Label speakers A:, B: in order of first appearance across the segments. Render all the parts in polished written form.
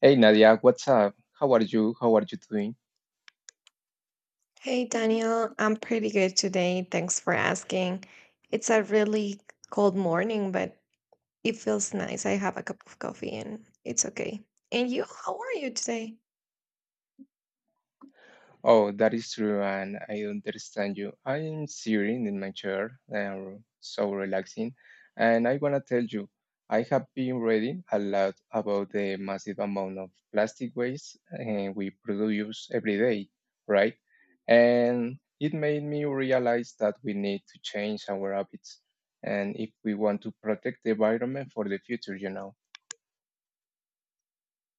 A: Hey Nadia, what's up? How are you? How are you doing?
B: Hey Daniel, I'm pretty good today. Thanks for asking. It's a really cold morning, but it feels nice. I have a cup of coffee and it's okay. And you, how are you today?
A: Oh, that is true, and I understand you. I am sitting in my chair, and so relaxing, and I wanna tell you, I have been reading a lot about the massive amount of plastic waste we produce every day, right? And it made me realize that we need to change our habits, and if we want to protect the environment for the future.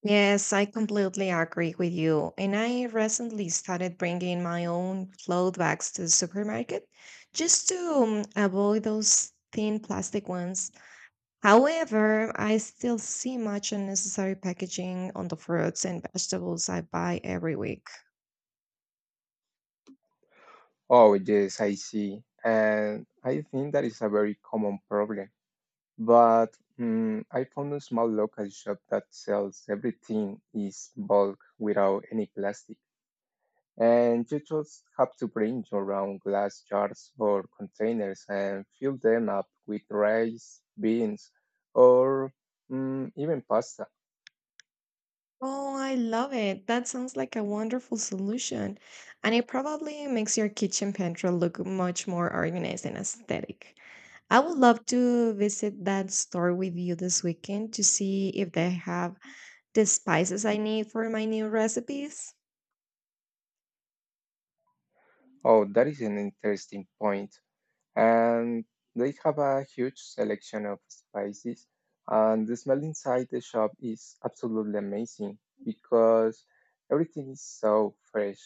B: Yes, I completely agree with you. And I recently started bringing my own cloth bags to the supermarket just to avoid those thin plastic ones. However, I still see much unnecessary packaging on the fruits and vegetables I buy every week.
A: Oh, yes, I see. And I think that is a very common problem. But I found a small local shop that sells everything in bulk without any plastic. And you just have to bring your own glass jars or containers and fill them up with rice, beans, or even pasta.
B: Oh, I love it. That sounds like a wonderful solution. And it probably makes your kitchen pantry look much more organized and aesthetic. I would love to visit that store with you this weekend to see if they have the spices I need for my new recipes.
A: Oh, that is an interesting point. And they have a huge selection of spices. And the smell inside the shop is absolutely amazing because everything is so fresh.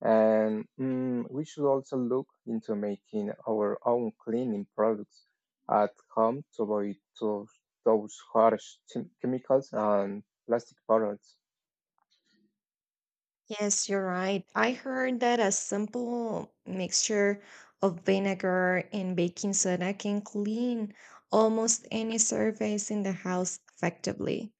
A: And we should also look into making our own cleaning products at home to avoid those harsh chemicals and plastic bottles.
B: Yes, you're right. I heard that a simple mixture of vinegar and baking soda can clean almost any surface in the house effectively.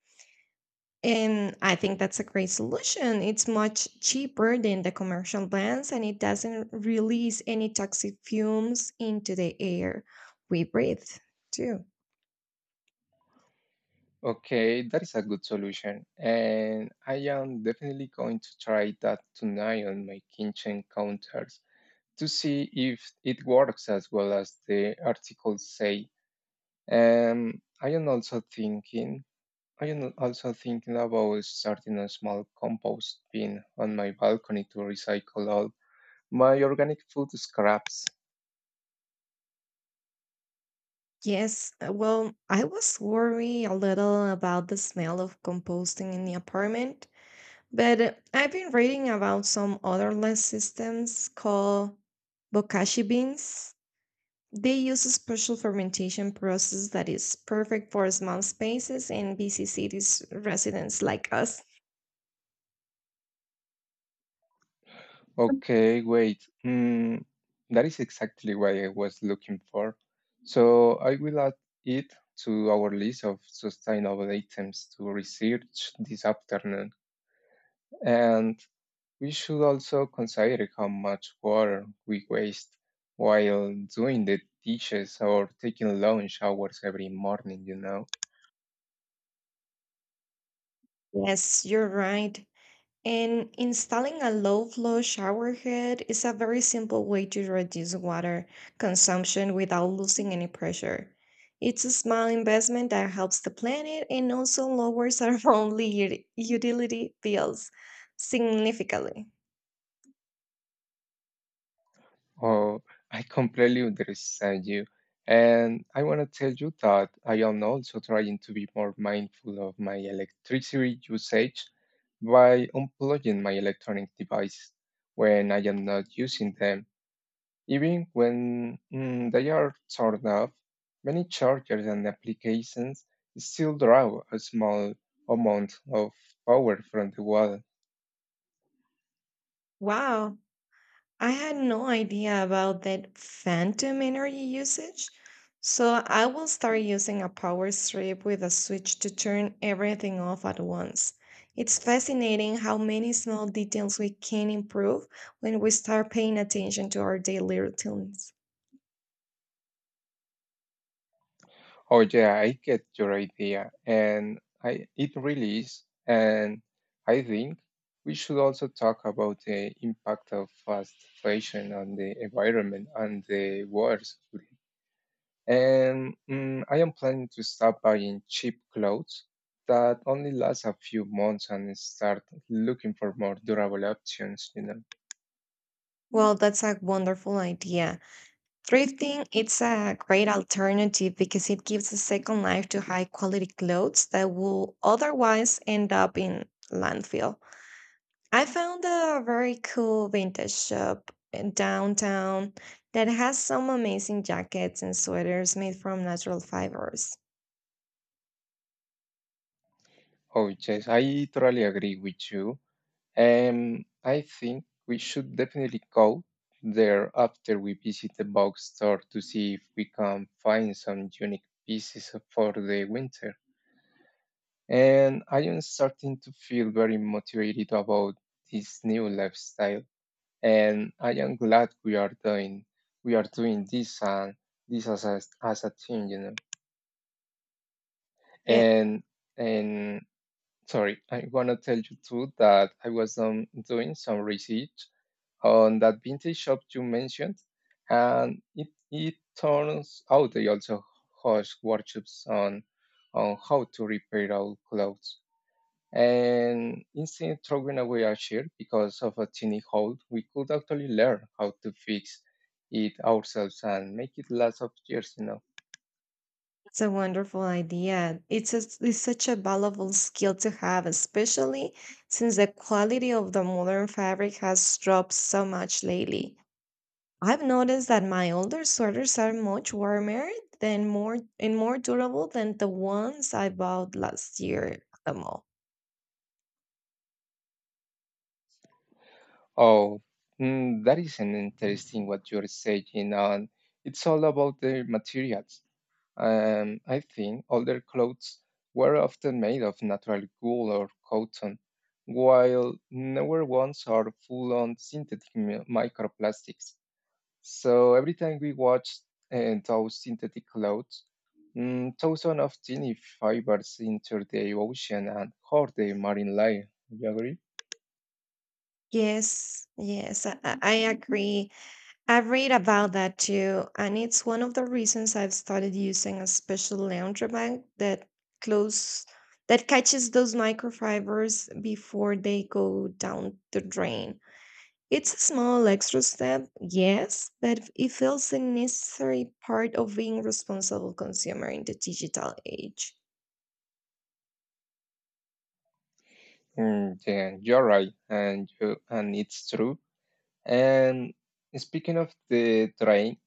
B: And I think that's a great solution. It's much cheaper than the commercial plants and it doesn't release any toxic fumes into the air we breathe, too.
A: Okay, that is a good solution, and I am definitely going to try that tonight on my kitchen counter to see if it works as well as the articles say. I am also thinking. I am also thinking about starting a small compost bin on my balcony to recycle all my organic food scraps.
B: Yes, well, I was worried a little about the smell of composting in the apartment, but I've been reading about some other less systems called bokashi beans. They use a special fermentation process that is perfect for small spaces and busy cities residents like us.
A: Okay, wait. That is exactly what I was looking for. So I will add it to our list of sustainable items to research this afternoon. And we should also consider how much water we waste while doing the dishes or taking long showers every morning?
B: Yes, you're right. And installing a low flow shower head is a very simple way to reduce water consumption without losing any pressure. It's a small investment that helps the planet and also lowers our only utility bills significantly.
A: Oh, I completely understand you. And I want to tell you that I am also trying to be more mindful of my electricity usage by unplugging my electronic device when I am not using them. Even when they are turned off, many chargers and applications still draw a small amount of power from the wall.
B: Wow, I had no idea about that phantom energy usage, so I will start using a power strip with a switch to turn everything off at once. It's fascinating how many small details we can improve when we start paying attention to our daily routines.
A: Oh yeah, I get your idea, and I it really is. And I think we should also talk about the impact of fast fashion on the environment and the world. And I am planning to stop buying cheap clothes that only last a few months and start looking for more durable options.
B: Well, that's a wonderful idea. Thrifting, it's a great alternative because it gives a second life to high quality clothes that will otherwise end up in landfill. I found a very cool vintage shop in downtown that has some amazing jackets and sweaters made from natural fibers.
A: Oh, yes, I totally agree with you. I think we should definitely go there after we visit the box store to see if we can find some unique pieces for the winter. And I am starting to feel very motivated about this new lifestyle, and I am glad we are doing this and this as as a team, you know.
B: Yeah,
A: And and sorry, I wanna tell you too that I was doing some research on that vintage shop you mentioned, and it turns out they also host workshops on how to repair old clothes. And instead throwing away our shirt because of a tiny hole, we could actually learn how to fix it ourselves and make it last of years, you know.
B: it's a wonderful idea. It's, a, it's such a valuable skill to have, especially since the quality of the modern fabric has dropped so much lately. I've noticed that my older sweaters are much warmer than more and more durable than the ones I bought last year at the mall.
A: Oh, that is an interesting what you're saying, and it's all about the materials. I think older clothes were often made of natural wool or cotton, while newer ones are full on synthetic microplastics. So every time we watched and those synthetic clothes, thousands of tiny fibers enter the ocean and hurt the marine life. You agree?
B: Yes, yes, I agree. I've read about that too, and it's one of the reasons I've started using a special laundry bag that close that catches those microfibers before they go down the drain. It's a small extra step, yes, but it feels a necessary part of being responsible consumer in the digital age.
A: Yeah, you're right, and it's true. And speaking of the drain,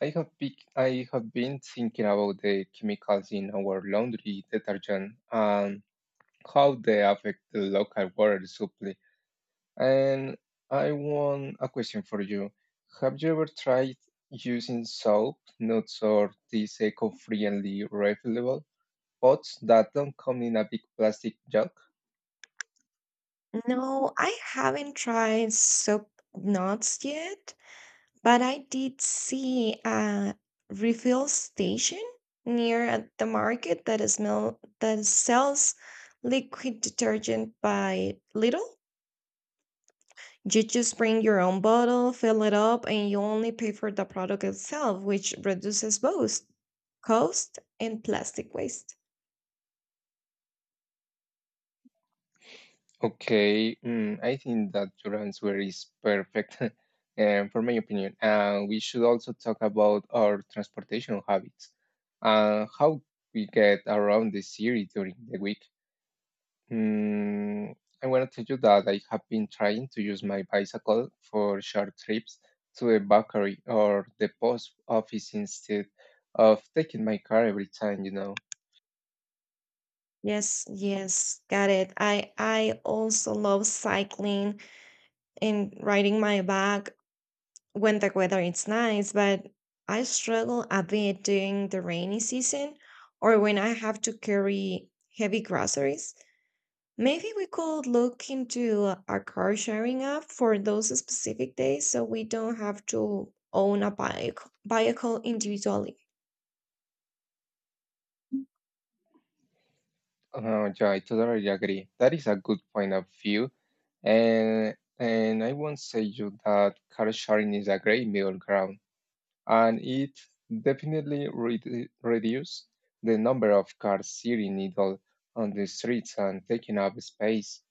A: I have been thinking about the chemicals in our laundry detergent and how they affect the local water supply. And I want a question for you. Have you ever tried using soap, nuts, or these eco-friendly refillable pots that don't come in a big plastic jug?
B: No, I haven't tried soap knots yet. But I did see a refill station near at the market that is smell that sells liquid detergent by Little. You just bring your own bottle, fill it up, and you only pay for the product itself, which reduces both cost and plastic waste.
A: Okay, I think that your answer is perfect, and for my opinion. And we should also talk about our transportation habits and how we get around the city during the week. Mm, I want to tell you that I have been trying to use my bicycle for short trips to the bakery or the post office instead of taking my car every time, you know.
B: Yes, yes, got it. I also love cycling and riding my bike when the weather is nice, but I struggle a bit during the rainy season or when I have to carry heavy groceries. Maybe we could look into a car sharing app for those specific days so we don't have to own a bike vehicle individually.
A: Yeah, I totally agree. That is a good point of view. And I won't say you that car sharing is a great middle ground, and it definitely reduce the number of cars sitting idle on the streets and taking up space.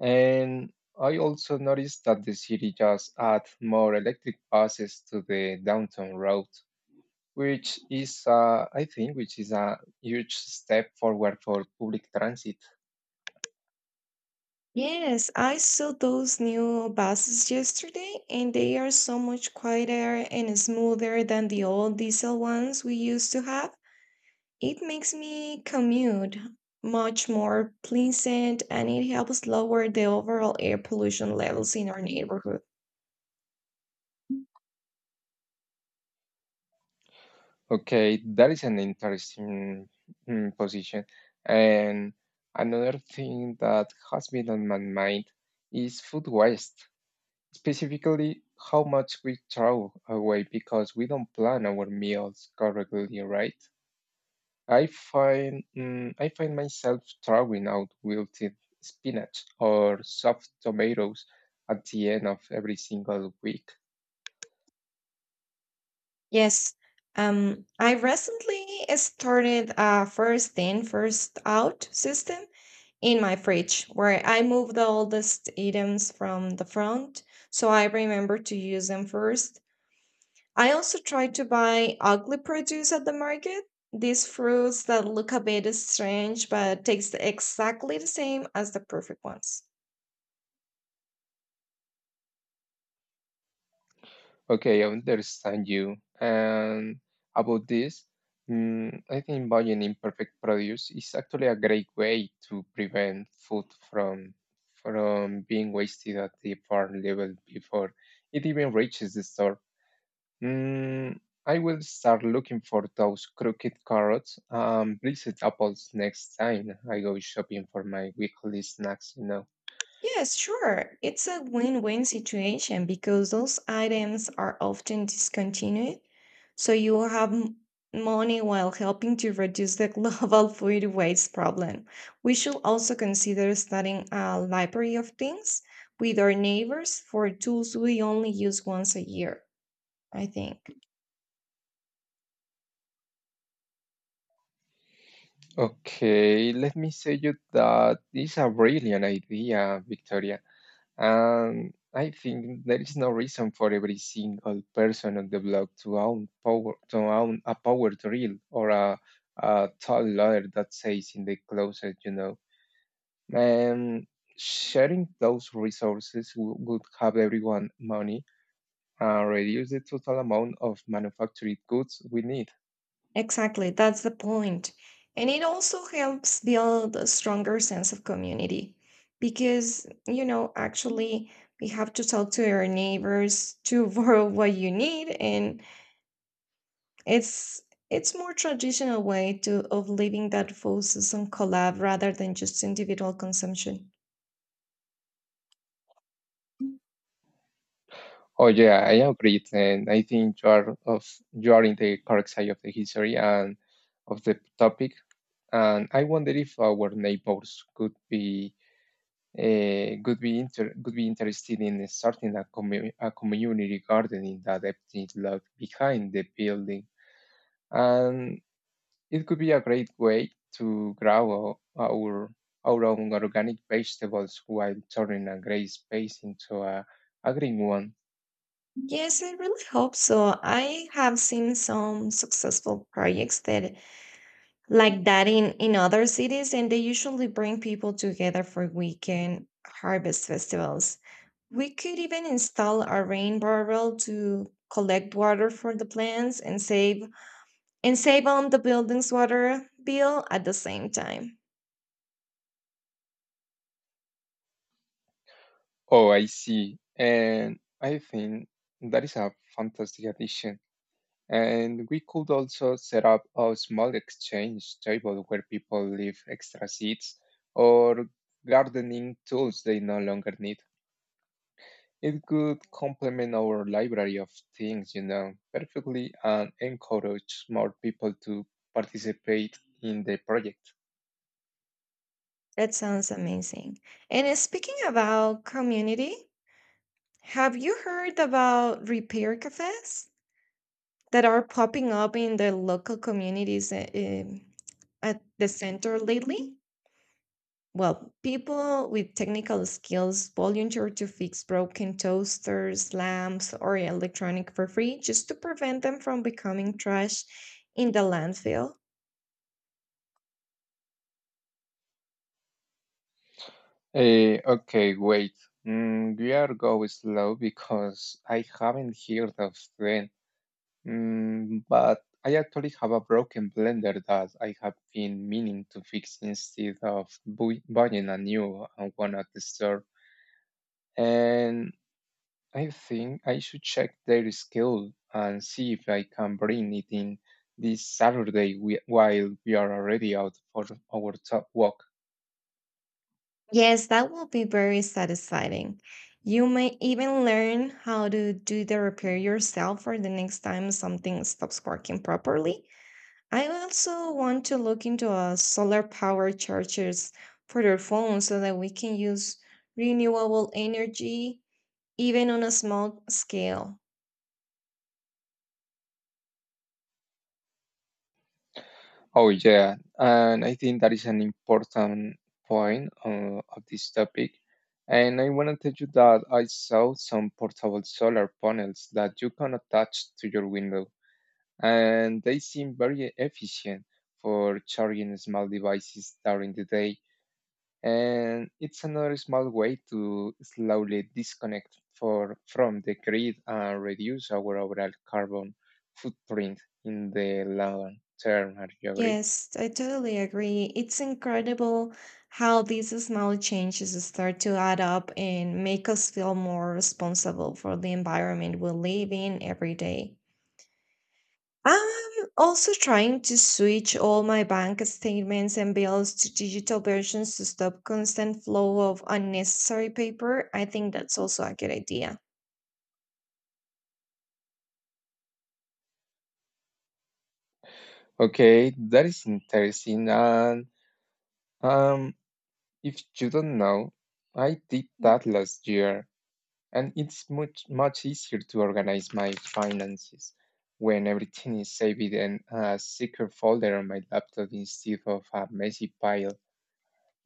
A: And I also noticed that the city just add more electric buses to the downtown route, which is, I think, which is a huge step forward for public transit.
B: Yes, I saw those new buses yesterday, and they are so much quieter and smoother than the old diesel ones we used to have. It makes me commute much more pleasant and it helps lower the overall air pollution levels in our neighborhood.
A: Okay, that is an interesting position. And another thing that has been on my mind is food waste, specifically how much we throw away because we don't plan our meals correctly, right? I find myself throwing out wilted spinach or soft tomatoes at the end of every single week.
B: Yes, I recently started a first in, first out system in my fridge where I move the oldest items from the front so I remember to use them first. I also try to buy ugly produce at the market. These fruits that look a bit strange but taste exactly the same as the perfect ones.
A: Okay, I understand you. And about this, I think buying imperfect produce is actually a great way to prevent food from being wasted at the farm level before it even reaches the store. Mm, I will start looking for those crooked carrots and blizzard apples next time I go shopping for my weekly snacks, you know.
B: Yes, sure. It's a win-win situation because those items are often discontinued, so you will have money while helping to reduce the global food waste problem. We should also consider starting a library of things with our neighbors for tools we only use once a year, I think.
A: Okay, let me say you that is a brilliant idea, Victoria. And I think there is no reason for every single person on the block to own a power drill or a tall ladder that stays in the closet, you know. And sharing those resources would have everyone money and reduce the total amount of manufactured goods we need.
B: Exactly, that's the point. And it also helps build a stronger sense of community because, actually we have to talk to our neighbors to borrow what you need, and it's it's more traditional way to of living that focuses on collab rather than just individual consumption.
A: Oh yeah, I agree, and I think you are in the correct side of the history and of the topic. And I wonder if our neighbors could be interested in starting a community garden in that empty lot behind the building, and it could be a great way to grow our own organic vegetables while turning a gray space into a green one.
B: Yes, I really hope so. I have seen some successful projects that like that in other cities, and they usually bring people together for weekend harvest festivals. We could even install a rain barrel to collect water for the plants, and save on the building's water bill at the same time.
A: Oh, I see. And I think that is a fantastic addition. And we could also set up a small exchange table where people leave extra seeds or gardening tools they no longer need. It could complement our library of things, you know, perfectly and encourage more people to participate in the project.
B: That sounds amazing, and speaking about community, have you heard about repair cafes that are popping up in the local communities at the center lately? Well, people with technical skills volunteer to fix broken toasters, lamps, or electronic for free just to prevent them from becoming trash in the landfill.
A: Okay, wait. We are going slow because I haven't heard of them. But I actually have a broken blender that I have been meaning to fix instead of buying a new one at the store. And I think I should check their schedule and see if I can bring it in this Saturday while we are already out for our top walk.
B: Yes, that will be very satisfying. You may even learn how to do the repair yourself for the next time something stops working properly. I also want to look into a solar power chargers for their phones so that we can use renewable energy even on a small scale.
A: Oh, yeah. And I think that is an important point of this topic. And I want to tell you that I saw some portable solar panels that you can attach to your window, and they seem very efficient for charging small devices during the day. And it's another small way to slowly disconnect from the grid and reduce our overall carbon footprint in the long term. Are you agree?
B: Yes, I totally agree. It's incredible how these small changes start to add up and make us feel more responsible for the environment we live in every day. I'm also trying to switch all my bank statements and bills to digital versions to stop constant flow of unnecessary paper. I think that's also a good idea.
A: Okay, that is interesting. And um, if you don't know, I did that last year, and it's much easier to organize my finances when everything is saved in a secret folder on my laptop instead of a messy pile.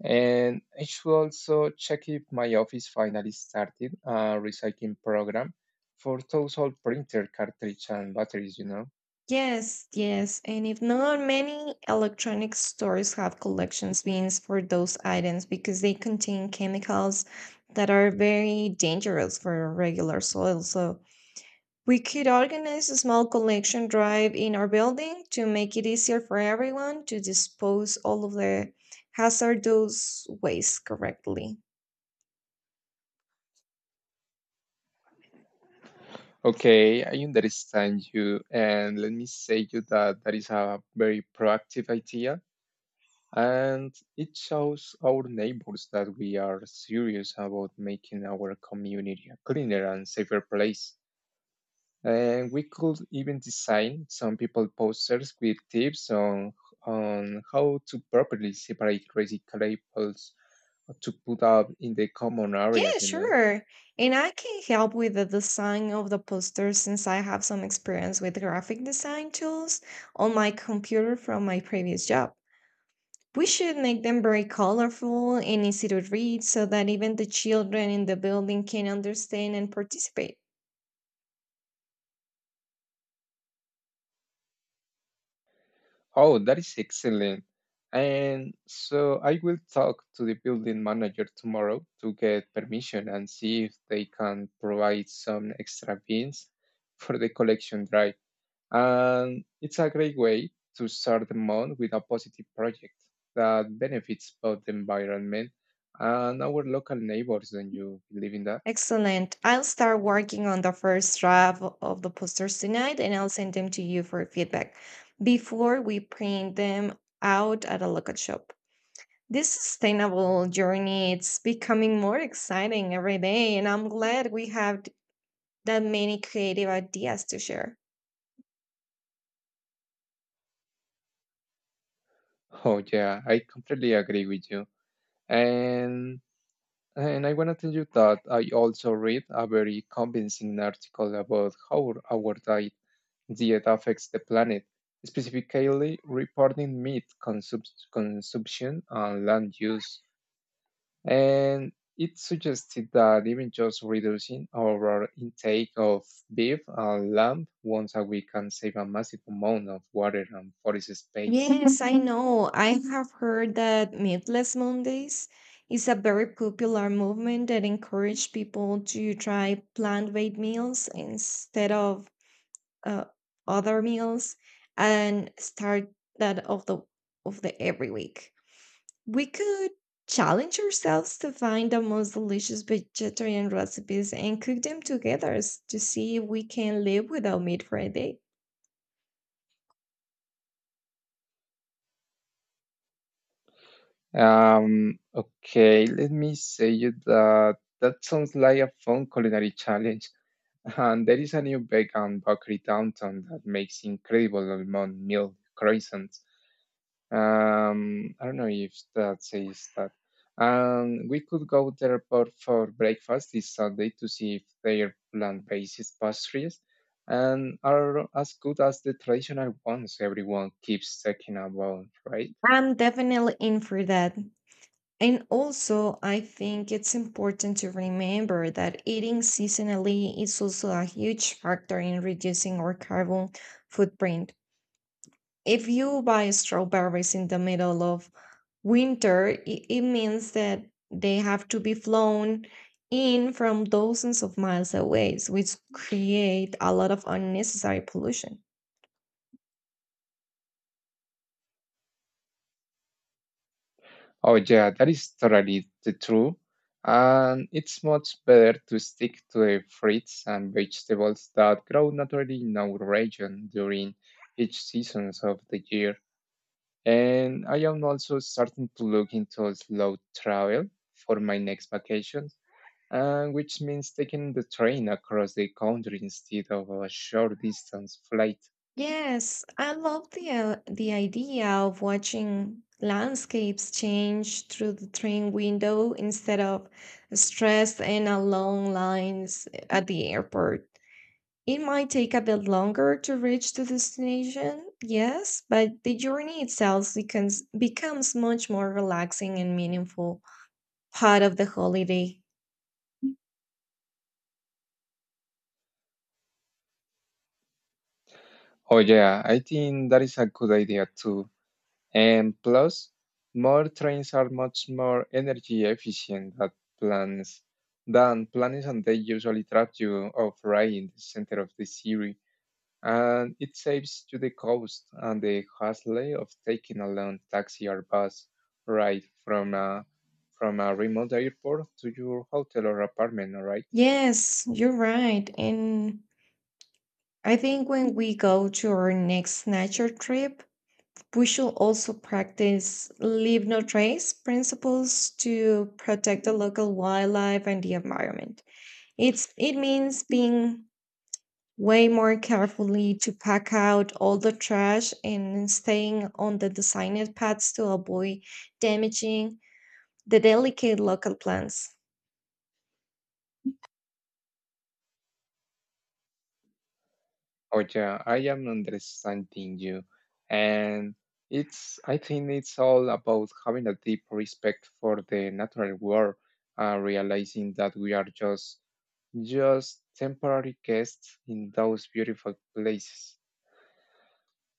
A: And I should also check if my office finally started a recycling program for those old printer cartridge and batteries, you know.
B: Yes, yes. And if not, many electronic stores have collections bins for those items because they contain chemicals that are very dangerous for regular soil. So we could organize a small collection drive in our building to make it easier for everyone to dispose all of the hazardous waste correctly.
A: Okay, I understand you, and let me say you that that is a very proactive idea, and it shows our neighbors that we are serious about making our community a cleaner and safer place. And we could even design some people posters with tips on how to properly separate crazy labels to put up in the common
B: Yeah,
A: areas, you know.
B: sure. And I can help with the design of the poster since I have some experience with graphic design tools on my computer from my previous job. We should make them very colorful and easy to read so that even the children in the building can understand and participate.
A: Oh, that is excellent. And so I will talk to the building manager tomorrow to get permission and see if they can provide some extra bins for the collection drive. And it's a great way to start the month with a positive project that benefits both the environment and our local neighbors. Don't you believe in that?
B: Excellent. I'll start working on the first draft of the posters tonight, and I'll send them to you for feedback before we print them out at a local shop. This sustainable journey, it's becoming more exciting every day, and I'm glad we have that many creative ideas to share.
A: Oh, yeah, I completely agree with you. And and I want to tell you that I also read a very convincing article about how our diet affects the planet, specifically reporting meat consumption and land use. And it suggested that even just reducing our intake of beef and lamb once a week can save a massive amount of water and forest space.
B: Yes, I know. I have heard that Meatless Mondays is a very popular movement that encourages people to try plant-based meals instead of uh, other meals, and start that of the every week. We could challenge ourselves to find the most delicious vegetarian recipes and cook them together to see if we can live without meat for a day.
A: Okay, let me say you that that sounds like a fun culinary challenge. And there is a new vegan bakery downtown that makes incredible almond milk croissants. I don't know if that says that. And we could go there for breakfast this Sunday to see if their plant-based pastries and are as good as the traditional ones everyone keeps talking about, right?
B: I'm definitely in for that. And also, I think it's important to remember that eating seasonally is also a huge factor in reducing our carbon footprint. If you buy strawberries in the middle of winter, it means that they have to be flown in from dozens of miles away, so which create a lot of unnecessary pollution.
A: Oh, yeah, that is totally the true. And it's much better to stick to the fruits and vegetables that grow naturally in our region during each seasons of the year. And I am also starting to look into slow travel for my next vacations, which means taking the train across the country instead of a short distance flight.
B: Yes, I love the idea of watching landscapes change through the train window instead of stress and a long lines at the airport. It might take a bit longer to reach the destination, yes, but the journey itself becomes much more relaxing and meaningful part of the holiday.
A: Oh, yeah, I think that is a good idea too. And plus, more trains are much more energy efficient than planes planes and they usually trap you off right in the center of the city. And it saves you the cost and the hassle of taking a long taxi or bus ride from a remote airport to your hotel or apartment, alright.
B: Yes, you're right. And I think when we go to our next nature trip, we should also practice leave no trace principles to protect the local wildlife and the environment. It means being way more carefully to pack out all the trash and staying on the designed paths to avoid damaging the delicate local plants.
A: Oh yeah, I am understanding you. And it's I think it's all about having a deep respect for the natural world, realizing that we are just temporary guests in those beautiful places.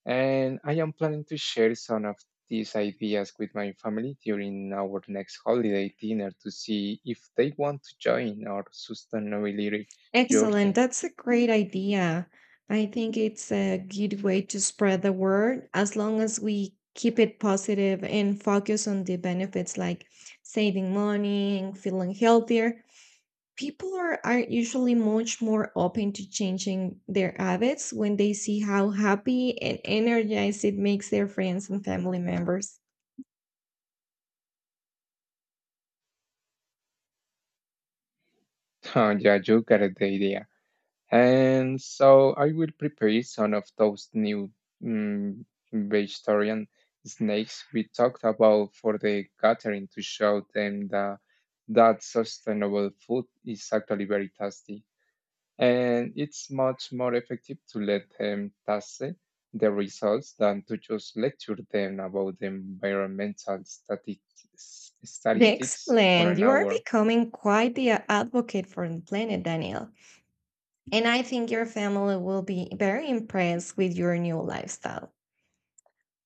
A: And I am planning to share some of these ideas with my family during our next holiday dinner to see if they want to join our sustainability
B: Excellent.
A: journey.
B: That's a great idea. I think it's a good way to spread the word as long as we keep it positive and focus on the benefits like saving money and feeling healthier. People are usually much more open to changing their habits when they see how happy and energized it makes their friends and family members.
A: Oh yeah, you got the idea. And so I will prepare some of those new mm, vegetarian snacks we talked about for the gathering to show them that sustainable food is actually very tasty. And it's much more effective to let them taste the results than to just lecture them about the environmental statistics for
B: Excellent.
A: an
B: You are
A: hour.
B: becoming quite the advocate for the planet, Daniel. And I think your family will be very impressed with your new lifestyle.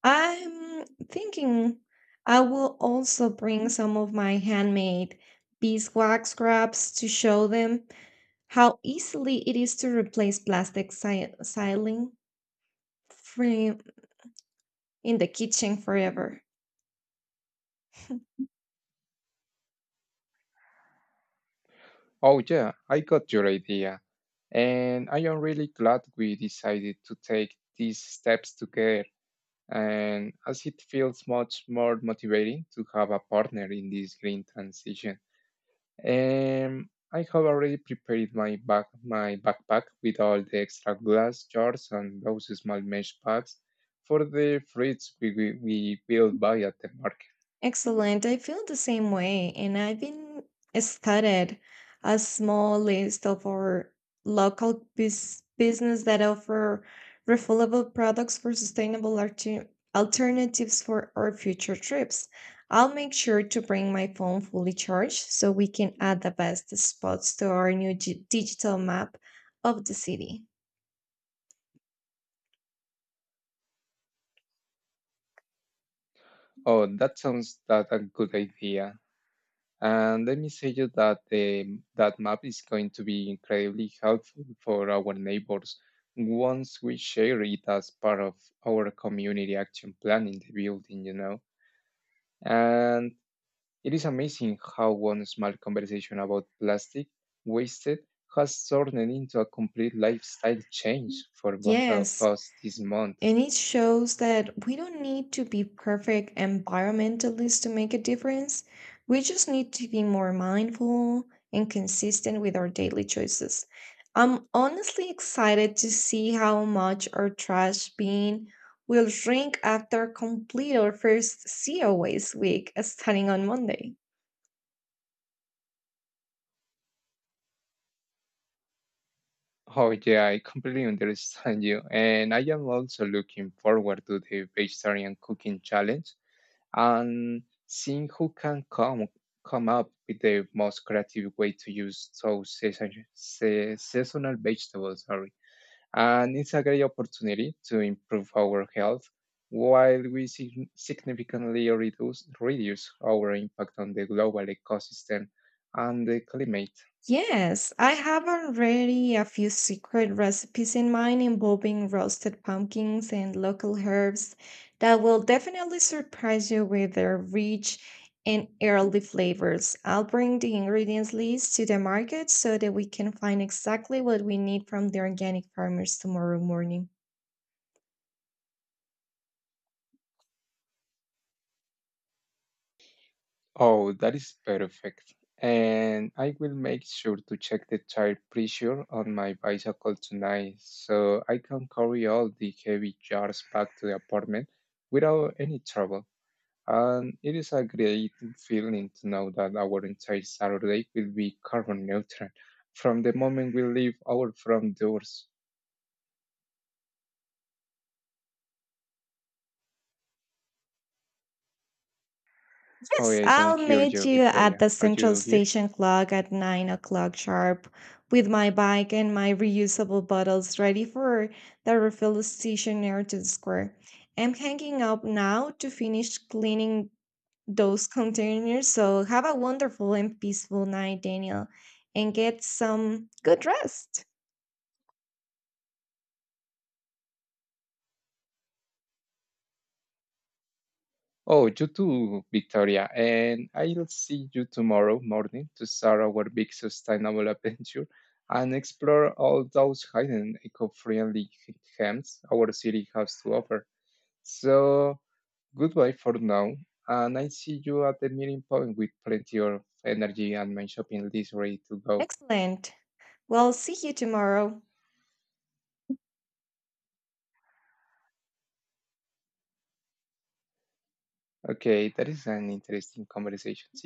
B: I'm thinking I will also bring some of my handmade beeswax scraps to show them how easily it is to replace plastic ceiling frame in the kitchen forever.
A: Oh, yeah, I got your idea. And I am really glad we decided to take these steps together. And as it feels much more motivating to have a partner in this green transition. I have already prepared my backpack with all the extra glass jars and those small mesh bags for the fruits we will buy at the market.
B: Excellent. I feel the same way, and I've been started a small list of our local business that offer refillable products for sustainable alternatives for our future trips. I'll make sure to bring my phone fully charged so we can add the best spots to our new digital map of the city.
A: Oh, that sounds that a good idea. And let me say you that that map is going to be incredibly helpful for our neighbors once we share it as part of our community action plan in the building, you know. And it is amazing how one small conversation about plastic wasted has turned into a complete lifestyle change for both of
B: Yes,
A: us this month.
B: and it shows that we don't need to be perfect environmentalists to make a difference. We just need to be more mindful and consistent with our daily choices. I'm honestly excited to see how much our trash bin will shrink after complete our first zero waste week starting on Monday.
A: Oh, yeah, I completely understand you. And I am also looking forward to the vegetarian cooking challenge and seeing who can come up with the most creative way to use seasonal vegetables. Sorry. And it's a great opportunity to improve our health while we significantly reduce our impact on the global ecosystem and the climate.
B: Yes, I have already a few secret recipes in mind involving roasted pumpkins and local herbs that will definitely surprise you with their rich and early flavors. I'll bring the ingredients list to the market so that we can find exactly what we need from the organic farmers tomorrow morning.
A: Oh, that is perfect. And I will make sure to check the tire pressure on my bicycle tonight so I can carry all the heavy jars back to the apartment without any trouble. And it is a great feeling to know that our entire Saturday will be carbon neutral from the moment we leave our front doors. Oh,
B: Yes,
A: yeah, I
B: I'll
A: don't hear
B: meet
A: you,
B: you at
A: Victoria.
B: the
A: Are
B: central
A: you here?
B: station clock at 9 o'clock sharp with my bike and my reusable bottles ready for the refill station near to the square. I'm hanging up now to finish cleaning those containers. So have a wonderful and peaceful night, Daniel, and get some good rest.
A: Oh, you too, Victoria. And I'll see you tomorrow morning to start our big sustainable adventure and explore all those hidden eco-friendly gems our city has to offer. So goodbye for now, and I see you at the meeting point with plenty of energy and my shopping list ready to go.
B: Excellent. Well, see you tomorrow.
A: Okay, that is an interesting conversation. See